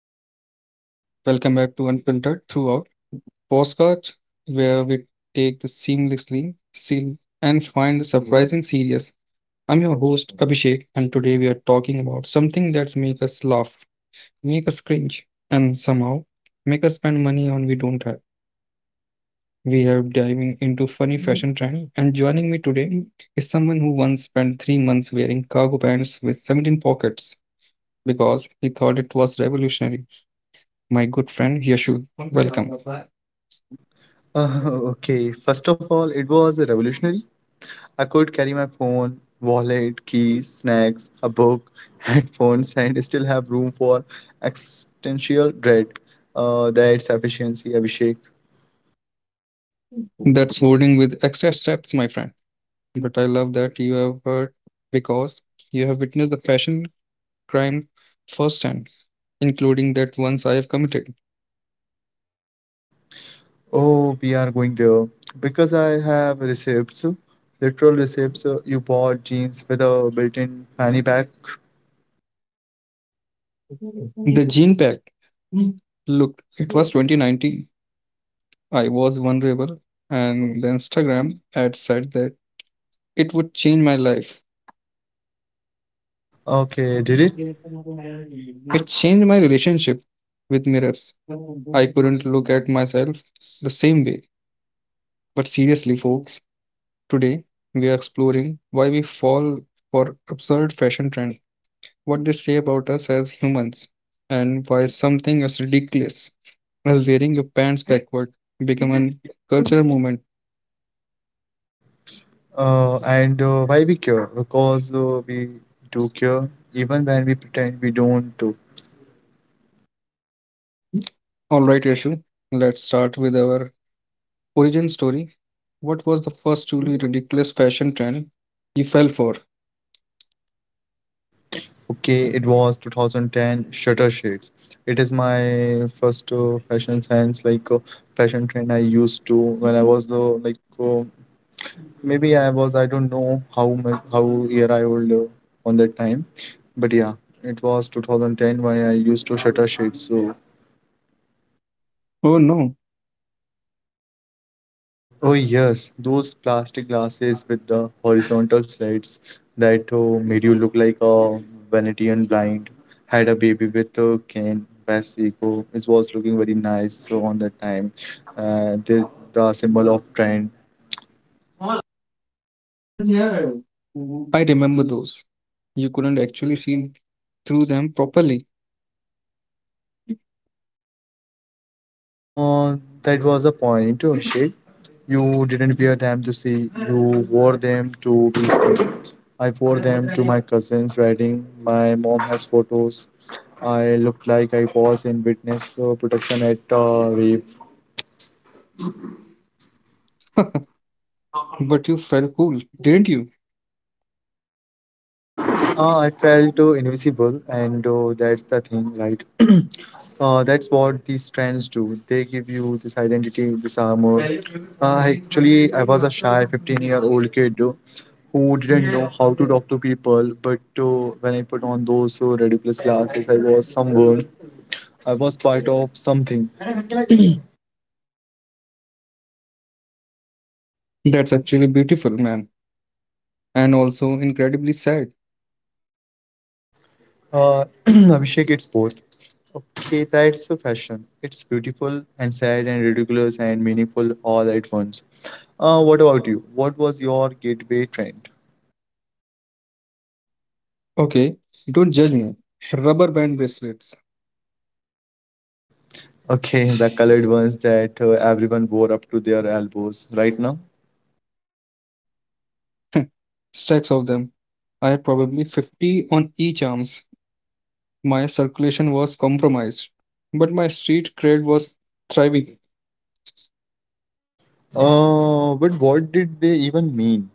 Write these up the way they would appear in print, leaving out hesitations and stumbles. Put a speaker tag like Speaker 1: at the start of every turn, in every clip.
Speaker 1: What's up, everyone? Welcome back to Unprinted Throughout Postcards, where we take the seamlessly seal and find the surprising serious. I'm your host Abhishek, and today we are talking about something that's make us laugh, make us cringe, and somehow make us spend money on we don't have. We are diving into funny fashion trend, and joining me today is someone who once spent 3 months wearing cargo pants with 17 pockets because he thought it was revolutionary. My good friend Yashu, welcome.
Speaker 2: Uh, okay, first of all, it was revolutionary. I could carry my phone, wallet, keys, snacks, a book, headphones, and still have room for existential dread. That's efficiency, Abhishek.
Speaker 1: That's holding with extra steps, my friend. But I love that you have heard because you have witnessed the fashion crime firsthand, including that once I have committed.
Speaker 2: Oh, we are going there. Because I have receipts, literal receipts. You bought jeans with a built-in fanny pack.
Speaker 1: The jean pack. Look, it was 2019. I was vulnerable, and the Instagram ad said that it would change my life.
Speaker 2: Okay, did it?
Speaker 1: It changed my relationship with mirrors. I couldn't look at myself the same way. But seriously, folks, today, we are exploring why we fall for absurd fashion trends, what they say about us as humans, and why something as ridiculous as wearing your pants backward become an cultural movement.
Speaker 2: And Why we care? Because we do care, even when we pretend we don't.
Speaker 1: All right, Yashu, let's start with our origin story. What was the first truly ridiculous fashion trend you fell for?
Speaker 2: Okay, it was 2010 Shutter Shades. It is my first fashion sense, fashion trend I used to when I was the maybe I was I don't know how much how year I old on that time, but yeah, it was 2010 when I used to Shutter Shades. So
Speaker 1: Oh no,
Speaker 2: oh yes, those plastic glasses with the horizontal slits that made you look like a Venetian blind. Had a baby with Ken Basico. It was looking very nice so on that time. The symbol of trend.
Speaker 1: I remember those. You couldn't actually see through them properly,
Speaker 2: Uh, that was the point, Abhishek. You didn't wear them to see, you wore them to be seen. I wore them to my cousin's wedding. My mom has photos. I looked like I was in witness protection at rape.
Speaker 1: but you felt cool, didn't you?
Speaker 2: I felt invisible, and that's the thing, right? That's what these trends do. They give you this identity, this armor. Actually, I was a shy 15-year-old kid who didn't know how to talk to people. But when I put on those ridiculous glasses, I was someone. I was part of something.
Speaker 1: That's actually beautiful, man, and also incredibly sad.
Speaker 2: Abhishek, it's both. Okay, that's a fashion. It's beautiful and sad and ridiculous and meaningful all at once. What about you? What was your gateway trend?
Speaker 1: Okay, don't judge me. Rubber band bracelets,
Speaker 2: Okay, the colored ones that everyone wore up to their elbows right now.
Speaker 1: stacks of them. I had probably 50 on each arms. My circulation was compromised, but my street cred was thriving.
Speaker 2: But what did they even mean?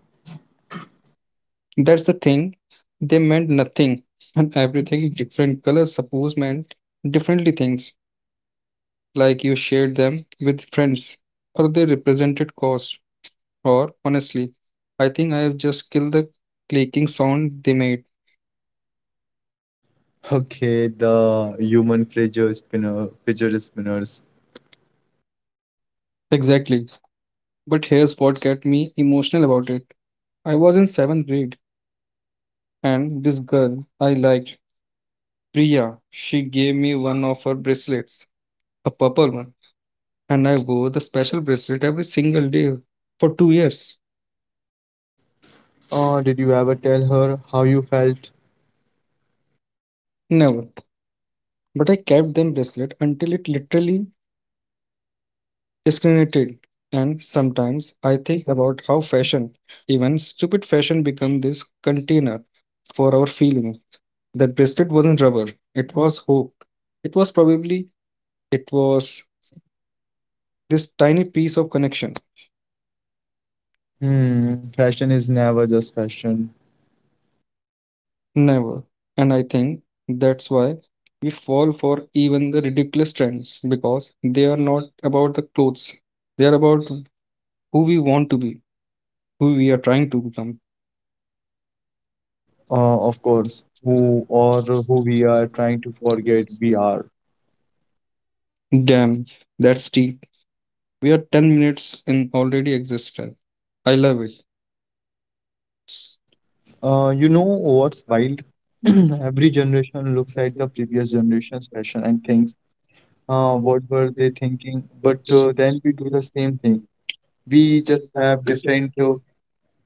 Speaker 1: That's the thing. They meant nothing, and everything different colors suppose meant differently things. Like you shared them with friends, or they represented cost. Or honestly, I think I have just killed the clicking sound they made.
Speaker 2: Okay, the human fidget spinner, fidget spinners.
Speaker 1: Exactly. But here's what got me emotional about it. I was in seventh grade, and this girl I liked, Priya, she gave me one of her bracelets, a purple one, and I wore the special bracelet every single day for 2 years.
Speaker 2: Oh, did you ever tell her how you felt?
Speaker 1: Never. But I kept them bracelet until it literally discriminated. And sometimes I think about how fashion, even stupid fashion, become this container for our feeling. That bracelet wasn't rubber, it was hope. It was probably, it was this tiny piece of connection.
Speaker 2: Hmm, fashion is never just fashion.
Speaker 1: Never. And I think that's why we fall for even the ridiculous trends because they are not about the clothes. They are about who we want to be, who we are trying to become.
Speaker 2: Of course, who or who we are trying to forget we are.
Speaker 1: Damn, that's deep. We are 10 minutes in already existed. I love it.
Speaker 2: You know what's wild? Every generation looks at the previous generation's fashion and thinks, what
Speaker 1: uh,
Speaker 2: were they thinking? But then we do the same thing. We just have different uh,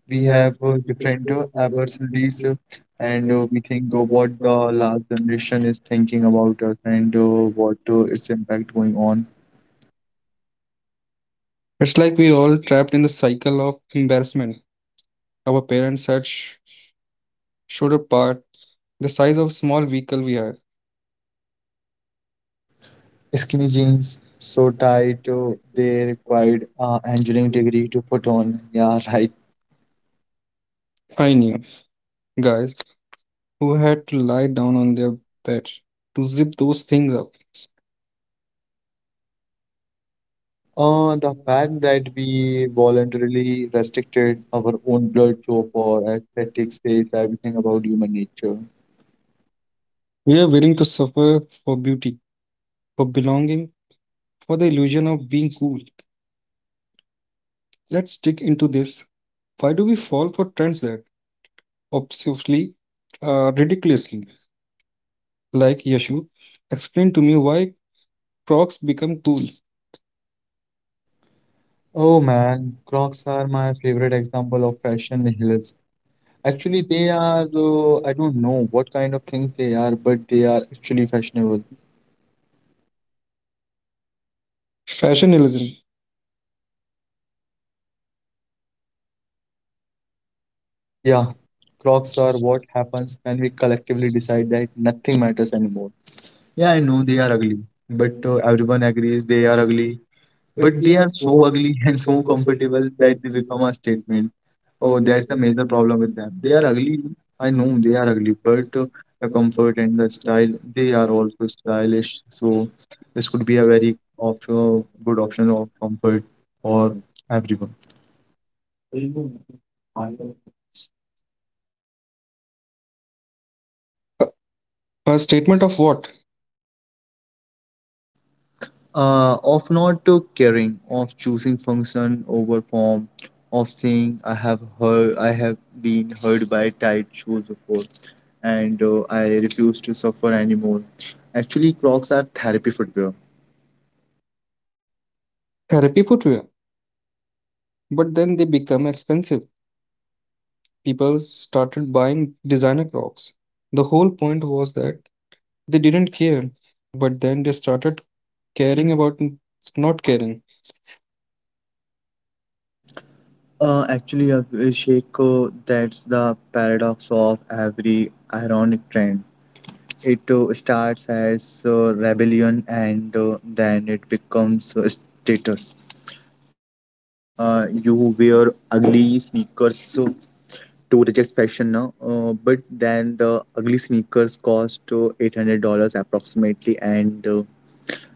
Speaker 2: we have different opportunities and we think what the last generation is thinking about us and
Speaker 1: uh,
Speaker 2: what its impact going on
Speaker 1: It's like we all trapped in the cycle of embarrassment. Our parents had showed a part the size of small vehicle we had.
Speaker 2: skinny jeans so tight they required engineering degree to put on yeah right
Speaker 1: I knew guys who had to lie down on their beds to zip those things up.
Speaker 2: the fact that we voluntarily restricted our own blood flow for aesthetics says everything about human nature.
Speaker 1: We are willing to suffer for beauty, for belonging, for the illusion of being cool. Let's dig into this. Why do we fall for trends that obsessively, ridiculously, like Yashu? Explain to me why Crocs become cool.
Speaker 2: Oh man, Crocs are my favorite example of fashion nihilism. Actually, they are, I don't know what kind of things they are, but they are actually fashionable.
Speaker 1: Fashionism,
Speaker 2: Yeah, Crocs are what happens when we collectively decide that nothing matters anymore. Yeah, I know they are ugly, but everyone agrees they are ugly. But they are so ugly and so comfortable that they become a statement. Oh, that's a major problem with them. They are ugly. I know they are ugly, but the comfort and the style, they are also stylish. So this could be a very op good option of comfort for everyone.
Speaker 1: a, a statement of what?
Speaker 2: Of not caring, of choosing function over form, of saying I have heard, I have been heard by tight shoes before, and I refuse to suffer anymore. Actually, Crocs are therapy footwear.
Speaker 1: Therapy footwear. But then they become expensive. People started buying designer clocks. The whole point was that they didn't care, but then they started caring about not caring.
Speaker 2: Actually, Abhishek, that's the paradox of every ironic trend. It starts as rebellion and then it becomes status. You wear ugly sneakers to reject fashion now, but then the ugly sneakers cost $800 approximately, and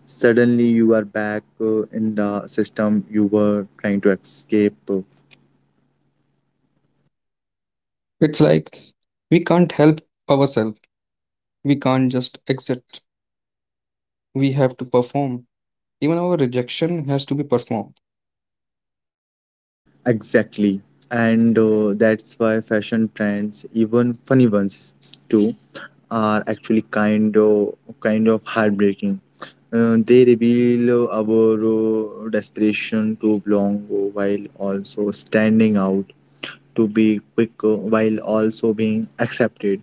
Speaker 2: suddenly you are back in the system you were trying to escape.
Speaker 1: It's like we can't help ourselves. We can't just exit. We have to perform. Even our rejection has to be performed.
Speaker 2: Exactly. And that's why fashion trends, even funny ones too, are actually kind of heartbreaking. They reveal our desperation to belong while also standing out. To be quick while also being accepted.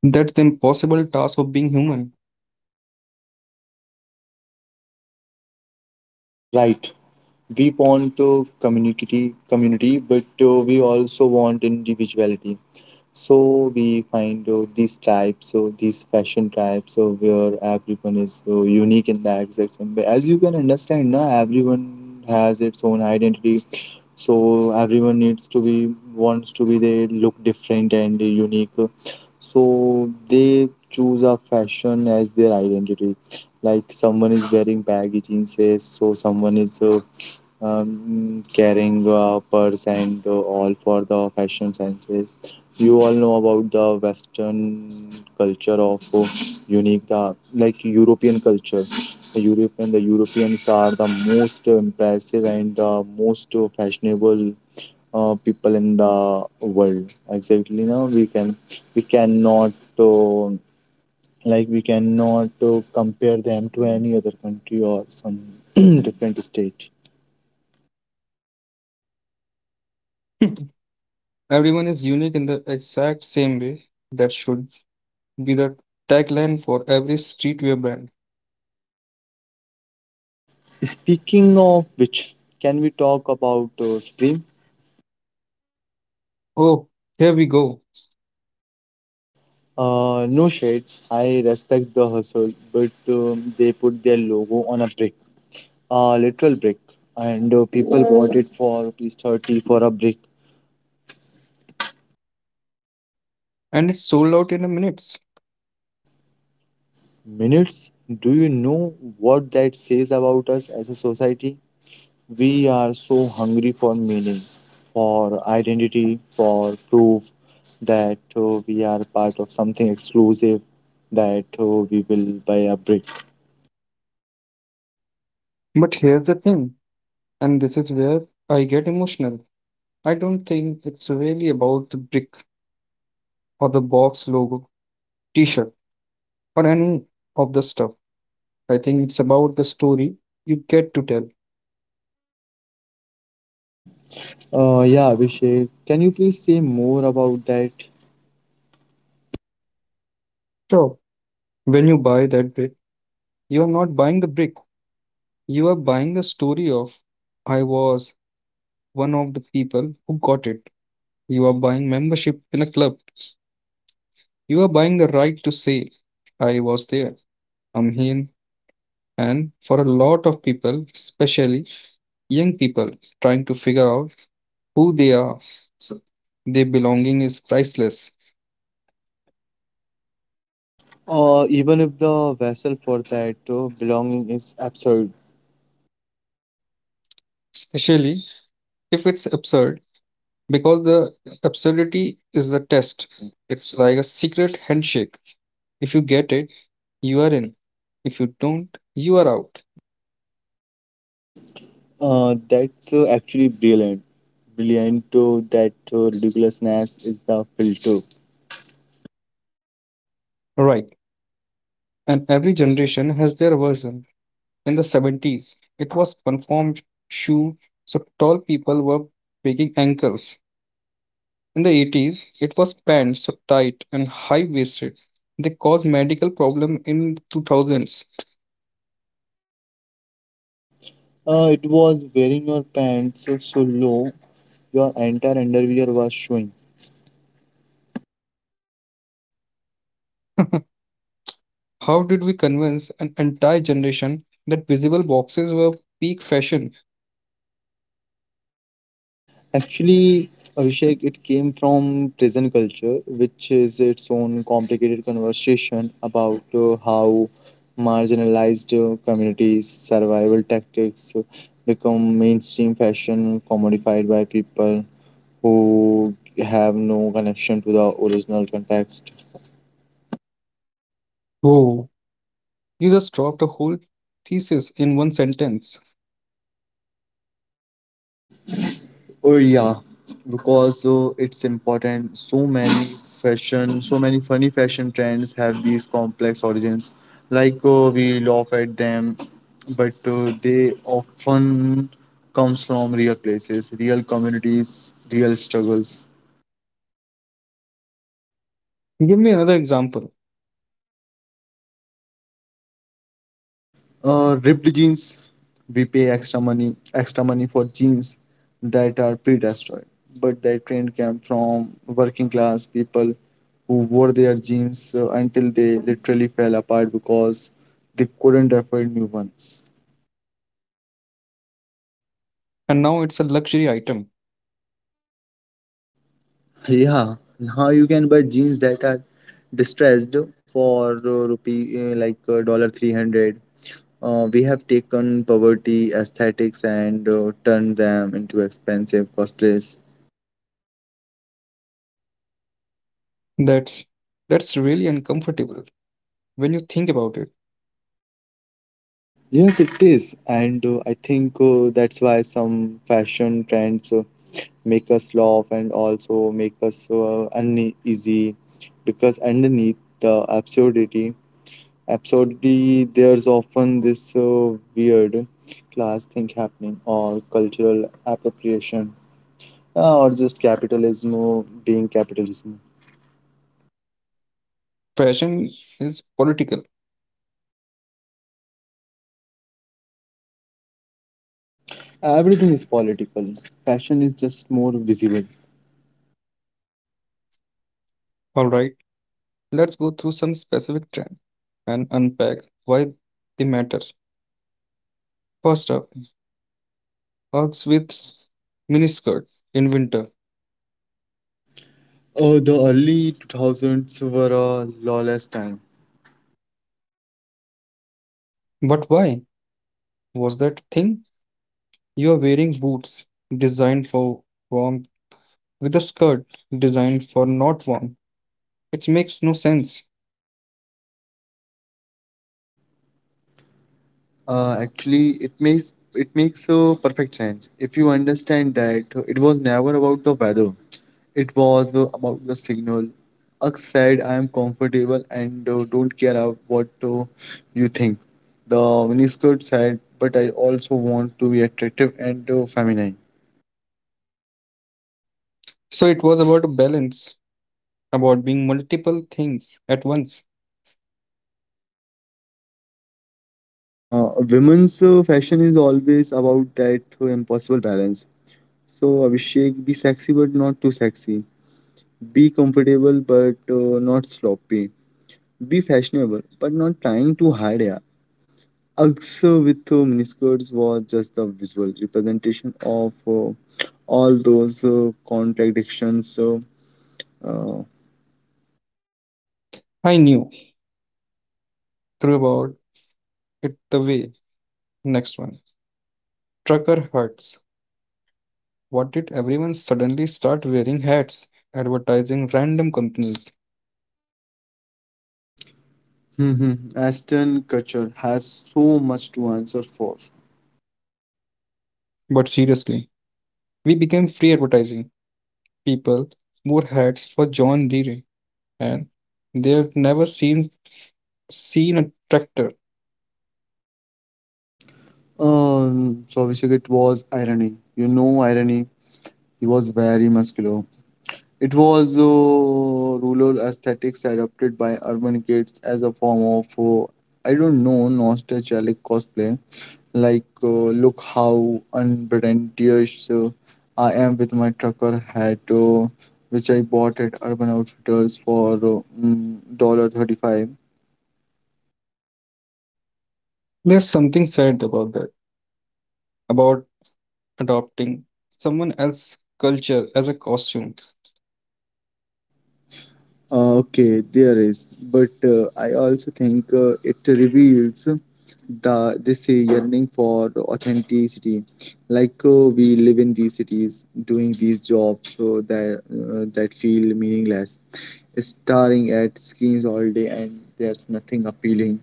Speaker 1: That's the impossible task of being human.
Speaker 2: Right. We want community, but we also want individuality. So we find these types, so these fashion types, so where everyone is unique in the exact same way. As you can understand, now everyone has its own identity, so everyone needs to be wants to be they look different and unique so they choose a fashion as their identity like someone is wearing baggy jeans so someone is carrying a purse and all for the fashion senses. You all know about the Western culture of unique, the like European culture. The European, the Europeans are the most impressive and the most fashionable people in the world. Exactly, now we can we cannot. Uh, like we cannot compare them to any other country or some different state
Speaker 1: Everyone is unique in the exact same way. That should be the tagline for every streetwear brand.
Speaker 2: speaking of which, can we talk about Supreme?
Speaker 1: Oh, here we go.
Speaker 2: No shade, I respect the hustle, but they put their logo on a brick, a literal brick, and people bought it for rupees 30 for a brick.
Speaker 1: And it sold out in a minutes.
Speaker 2: Minutes, do you know what that says about us as a society? We are so hungry for meaning, for identity, for proof that we are part of something exclusive, that we will buy a brick.
Speaker 1: But here's the thing, and this is where I get emotional. I don't think it's really about the brick or the box logo, t shirt, or any of the stuff. I think it's about the story you get to tell.
Speaker 2: Yeah, Abhishek, can you please say more about that?
Speaker 1: So, when you buy that brick, you are not buying the brick, you are buying the story of I was one of the people who got it. You are buying membership in a club, you are buying the right to say, I was there, I'm here. And for a lot of people, especially young people trying to figure out who they are, so their belonging is priceless,
Speaker 2: Even if the vessel for that belonging is absurd,
Speaker 1: especially if it's absurd, because the absurdity is the test. It's like a secret handshake. If you get it, you are in. If you don't, you are out.
Speaker 2: that's actually brilliant. Brilliant to that ridiculousness is the filter.
Speaker 1: Right. And every generation has their version. In the 70s, it was conformed shoe, so tall people were breaking ankles. In the 80s, it was pants so tight and high-waisted. They caused medical problems in 2000s.
Speaker 2: It was wearing your pants so low, your entire underwear was showing.
Speaker 1: How did we convince an entire generation that visible boxes were peak fashion?
Speaker 2: Actually, Abhishek, it came from prison culture, which is its own complicated conversation about how marginalized communities' survival tactics become mainstream fashion commodified by people who have no connection to the original context.
Speaker 1: Whoa, you just dropped a whole thesis in one sentence.
Speaker 2: Oh yeah, because it's important. So many fashion, so many funny fashion trends have these complex origins. Like we laugh at them, but they often comes from real places, real communities, real struggles.
Speaker 1: Give me another example.
Speaker 2: Ripped jeans, we pay extra money for jeans that are pre-destroyed. But that trend came from working class people who wore their jeans until they literally fell apart because they couldn't afford new ones.
Speaker 1: And now it's a luxury item.
Speaker 2: Yeah, now you can buy jeans that are distressed for rupee like dollar 300. We have taken poverty aesthetics and turned them into expensive cosplays.
Speaker 1: That's that's really uncomfortable when you think about it.
Speaker 2: Yes, it is. And I think that's why some fashion trends make us laugh and also make us uneasy because underneath the absurdity, there's often this weird class thing happening or cultural appropriation or just capitalism being capitalism.
Speaker 1: Fashion is political.
Speaker 2: Everything is political. Fashion is just more visible.
Speaker 1: All right, let's go through some specific trends and unpack why they matter. First up, Uggs with miniskirt in winter.
Speaker 2: Oh, the early 2000s were a lawless time.
Speaker 1: But why was that thing? You are wearing boots designed for warmth with a skirt designed for not warm. It makes no sense.
Speaker 2: Actually, it makes perfect sense if you understand that it was never about the weather. It was about the signal. Ugh said, I am comfortable and don't care about what you think. The miniskirt said, but I also want to be attractive and feminine.
Speaker 1: So it was about a balance, about being multiple things at once.
Speaker 2: Women's fashion is always about that impossible balance. So, Abhishek, be sexy but not too sexy. Be comfortable but not sloppy. Be fashionable, but not trying to hide. Yeah, Uggs with miniskirts was just the visual representation of all those contradictions. Uh,
Speaker 1: I knew through about it the way. Next one. Trucker hats. What did everyone suddenly start wearing hats? Advertising random companies.
Speaker 2: Mhm. Aston Kutcher has so much to answer for.
Speaker 1: But seriously, we became free advertising. People wore hats for John Deere, and they've never seen a tractor.
Speaker 2: So it was irony. You know, irony. He was very muscular. It was rural aesthetics adopted by urban kids as a form of, I don't know, nostalgic cosplay. Like, look how unpretentious I am with my trucker hat, which I bought at Urban Outfitters for $1.35.
Speaker 1: There's something sad about that, about adopting someone else's culture as a costume.
Speaker 2: Okay, there is, but I also think it reveals the this yearning for authenticity. Like we live in these cities, doing these jobs so that that feel meaningless, staring at screens all day, and there's nothing appealing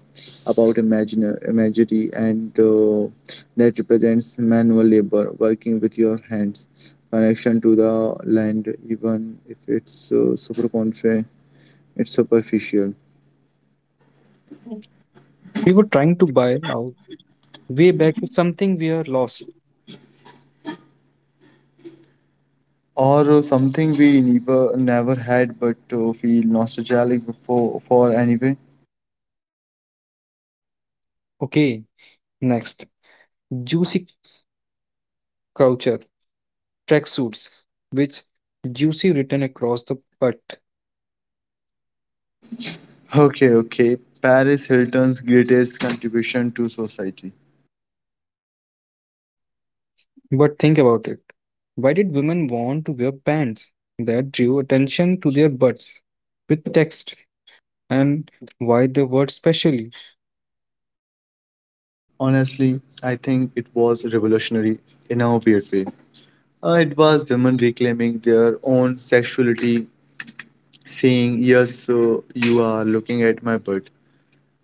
Speaker 2: about imagine imagery, and that represents manual labor, working with your hands, connection to the land, even if it's super confident it's superficial.
Speaker 1: We were trying to buy out way back to something we are lost.
Speaker 2: Or something we never had but feel nostalgic before for anyway.
Speaker 1: Okay, next. Juicy culture, tracksuits, which juicy written across the butt.
Speaker 2: Okay, okay. Paris Hilton's greatest contribution to society.
Speaker 1: But think about it. Why did women want to wear pants that drew attention to their butts with text? And why the word specially?
Speaker 2: Honestly, I think it was revolutionary in a weird way. It was women reclaiming their own sexuality, saying, yes, you are looking at my butt.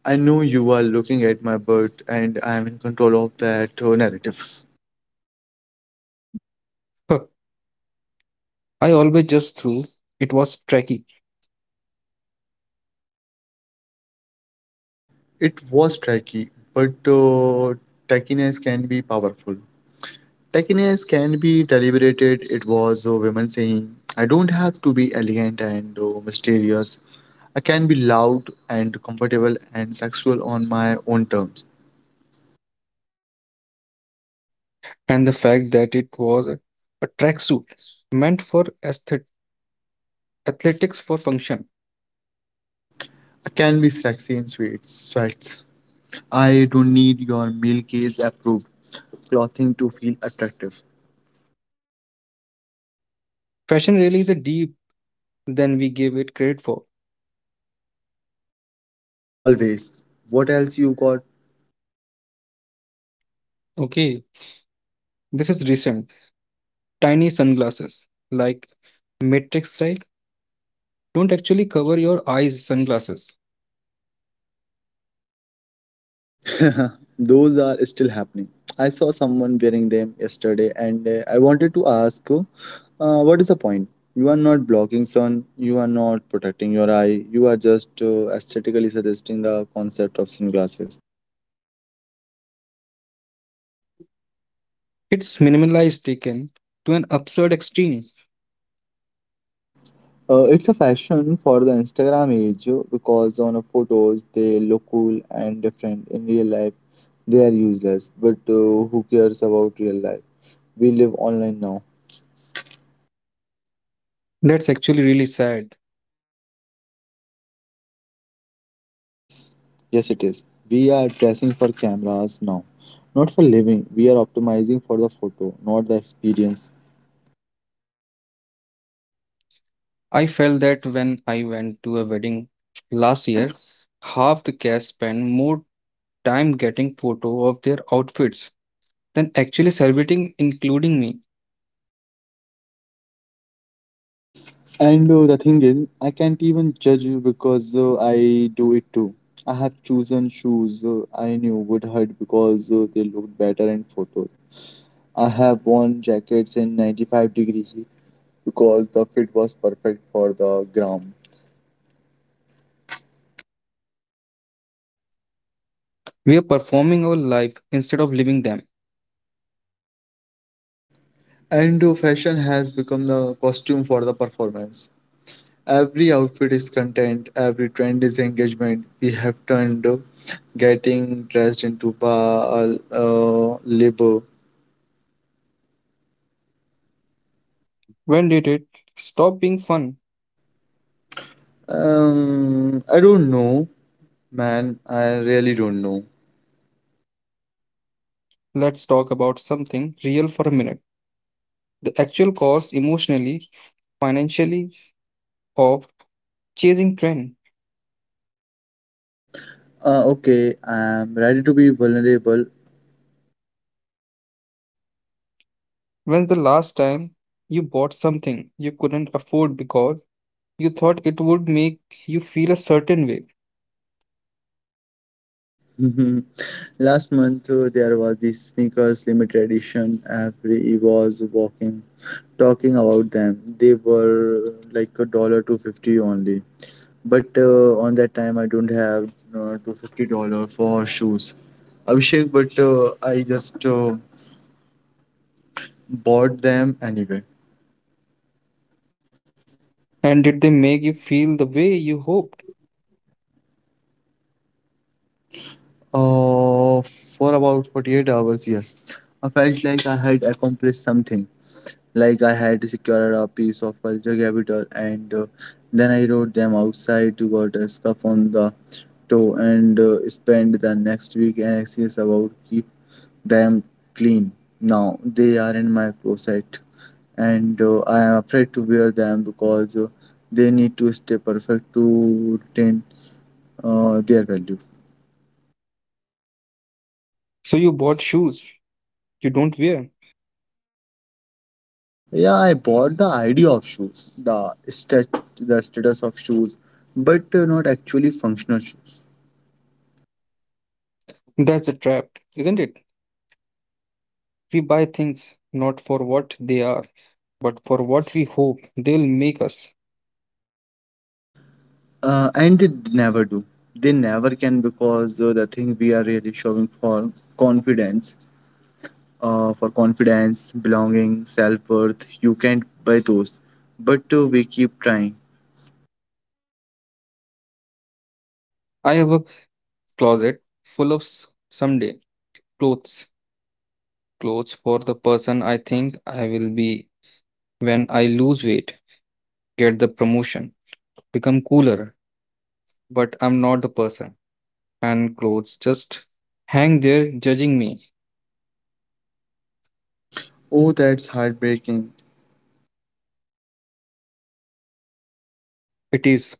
Speaker 2: I know you are looking at my butt, and I am in control of that narrative.
Speaker 1: Huh, I always just threw it was tracky,
Speaker 2: It was tricky, but tackiness can be powerful. Tackiness can be deliberated. It was a woman saying, I don't have to be elegant and mysterious. I can be loud and comfortable and sexual on my own terms.
Speaker 1: and the fact that it was a tracksuit meant for athletics for function.
Speaker 2: I can be sexy in sweet sweats. I don't need your meal case approved clothing to feel attractive.
Speaker 1: Fashion really is a deep than we gave it credit for.
Speaker 2: Always. What else you got?
Speaker 1: Okay, this is recent. Tiny sunglasses, like Matrix style, don't actually cover your eyes sunglasses.
Speaker 2: Those are still happening. I saw someone wearing them yesterday and I wanted to ask, what is the point? You are not blocking sun, you are not protecting your eye, you are just aesthetically suggesting the concept of sunglasses.
Speaker 1: It's minimalized taken to an absurd extreme.
Speaker 2: It's a fashion for the Instagram age because on photos they look cool and different. In real life, they are useless, but who cares about real life? We live online now.
Speaker 1: That's actually really sad.
Speaker 2: It is. Yes, it is. We are dressing for cameras now, not for living. We are optimizing for the photo, not the experience.
Speaker 1: I felt that when I went to a wedding last year, half the guests spent more time getting photo of their outfits than actually celebrating, including me.
Speaker 2: And the thing is, I can't even judge you because I do it too. I have chosen shoes I knew would hurt because they looked better in photos. I have worn jackets in 95-degree heat because the fit was perfect for the gram.
Speaker 1: We are performing our life instead of living them.
Speaker 2: And fashion has become the costume for the performance. Every outfit is content, every trend is engagement. We have turned getting dressed into bar labor.
Speaker 1: When did it stop being fun?
Speaker 2: I don't know, man. I really don't know.
Speaker 1: Let's talk about something real for a minute. The actual cost emotionally, financially of chasing trend.
Speaker 2: Okay, I'm ready to be vulnerable.
Speaker 1: When's the last time you bought something you couldn't afford because you thought it would make you feel a certain way?
Speaker 2: Last month there was this sneakers limited edition. Every was walking, talking about them. They were like a dollar to 50 only. But on that time, I don't have $250 for shoes. Abhishek, but I just bought them anyway.
Speaker 1: And did they make you feel the way you hoped?
Speaker 2: Uh, for about 48 hours, yes. I felt like I had accomplished something, like I had secured a piece of culture capital, and then I rode them outside to got a scuff on the toe and spent the next week anxious about keep them clean. Now they are in my closet and I am afraid to wear them because they need to stay perfect to retain their value.
Speaker 1: So you bought shoes you don't wear.
Speaker 2: Yeah, I bought the idea of shoes, the status of shoes, but not actually functional shoes.
Speaker 1: That's a trap, isn't it? We buy things not for what they are, but for what we hope they'll make us.
Speaker 2: And they never do. They never can because the thing we are really showing confidence for confidence, belonging, self worth. You can't buy those. But we keep trying.
Speaker 1: I have a closet full of someday clothes, clothes for the person I think I will be when I lose weight, get the promotion, become cooler, but I'm not the person. And clothes just hang there judging me.
Speaker 2: Oh, that's heartbreaking.
Speaker 1: It is,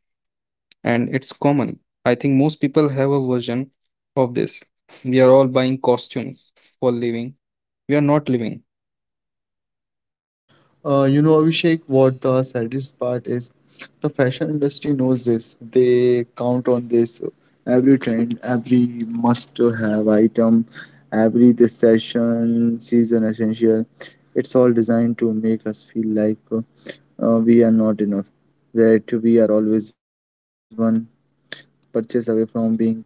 Speaker 1: and it's common. I think most people have a version of this. We are all buying costumes for living. We are not living,
Speaker 2: You know, Abhishek, what the saddest part is? The fashion industry knows this. They count on this. Every trend, every must-have item, every season essential. It's all designed to make us feel like we are not enough, that we are always one purchase away from being completed.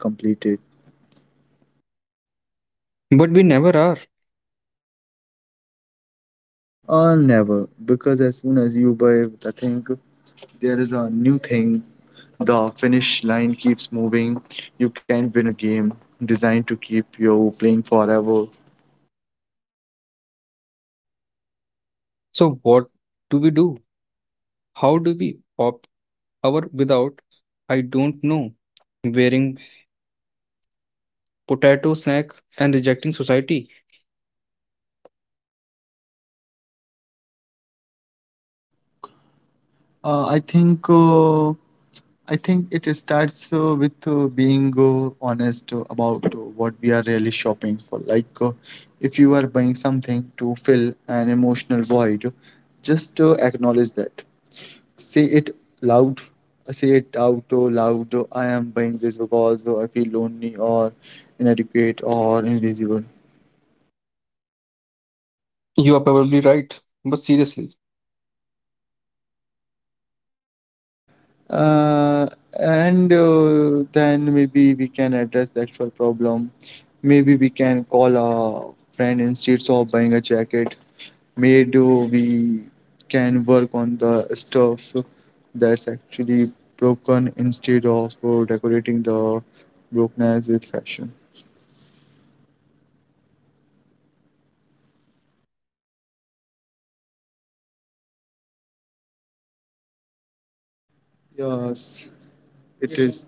Speaker 1: but we never are.
Speaker 2: Never, because as soon as you buy the thing, there is a new thing. The finish line keeps moving. You can't win a game designed to keep you playing forever.
Speaker 1: So what do we do? How do we opt our without? I don't know. Wearing potato snack and rejecting society.
Speaker 2: Uh, I think uh, I think it starts with being honest about what we are really shopping for. Like, if you are buying something to fill an emotional void, just acknowledge that. Say it loud, say it out loud. Oh, I am buying this because I feel lonely or inadequate or invisible.
Speaker 1: You are probably right, but seriously,
Speaker 2: uh, and then maybe we can address the actual problem. Maybe we can call a friend instead of buying a jacket. Maybe we can work on the stuff that's actually broken instead of decorating the brokenness with fashion. Yes. It is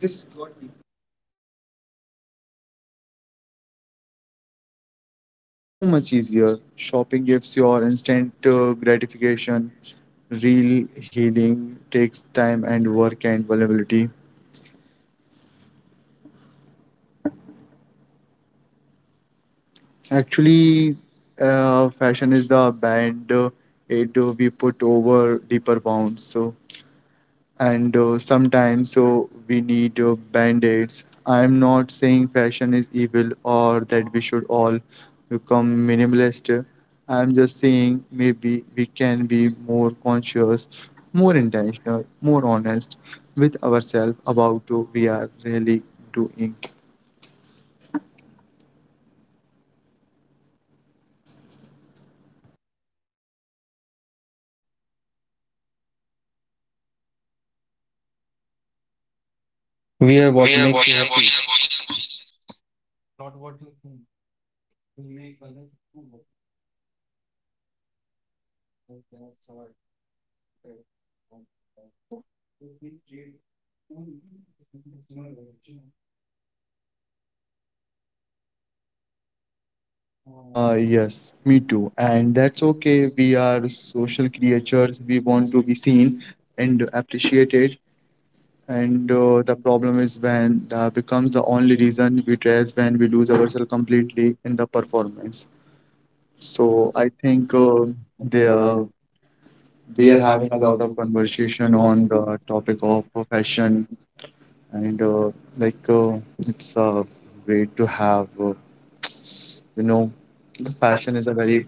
Speaker 2: so much easier. Shopping gives your instant gratification. Real healing takes time and work and vulnerability. Actually, fashion is the band- aid we put over deeper wounds. So and sometimes so we need band-aids. I'm not saying fashion is evil or that we should all become minimalist. I'm just saying maybe we can be more conscious, more intentional, more honest with ourselves about what we are really doing.
Speaker 1: wear what makes
Speaker 2: Yes, me too, and that's okay. We are social creatures, we want to be seen and appreciated. And the problem is when that becomes the only reason we dress, when we lose ourselves completely in the performance. So the, uh, we are having a lot of conversation on the topic of fashion, and like it's great to have you know the fashion is a very,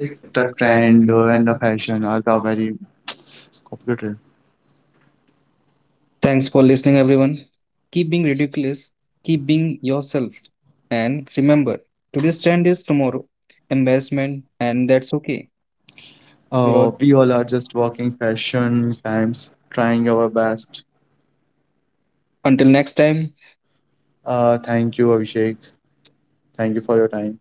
Speaker 1: you
Speaker 2: the trend
Speaker 1: watching.
Speaker 2: and the
Speaker 1: Happy.
Speaker 2: fashion are the very complicated.
Speaker 1: Thanks for listening, everyone. Keep being ridiculous, keep being yourself, and remember today's trend is tomorrow. Embarrassment, and that's okay. We'll all,
Speaker 2: We all are just walking fashion times, trying our best.
Speaker 1: until next time,
Speaker 2: Thank you, Abhishek. Thank you for your time.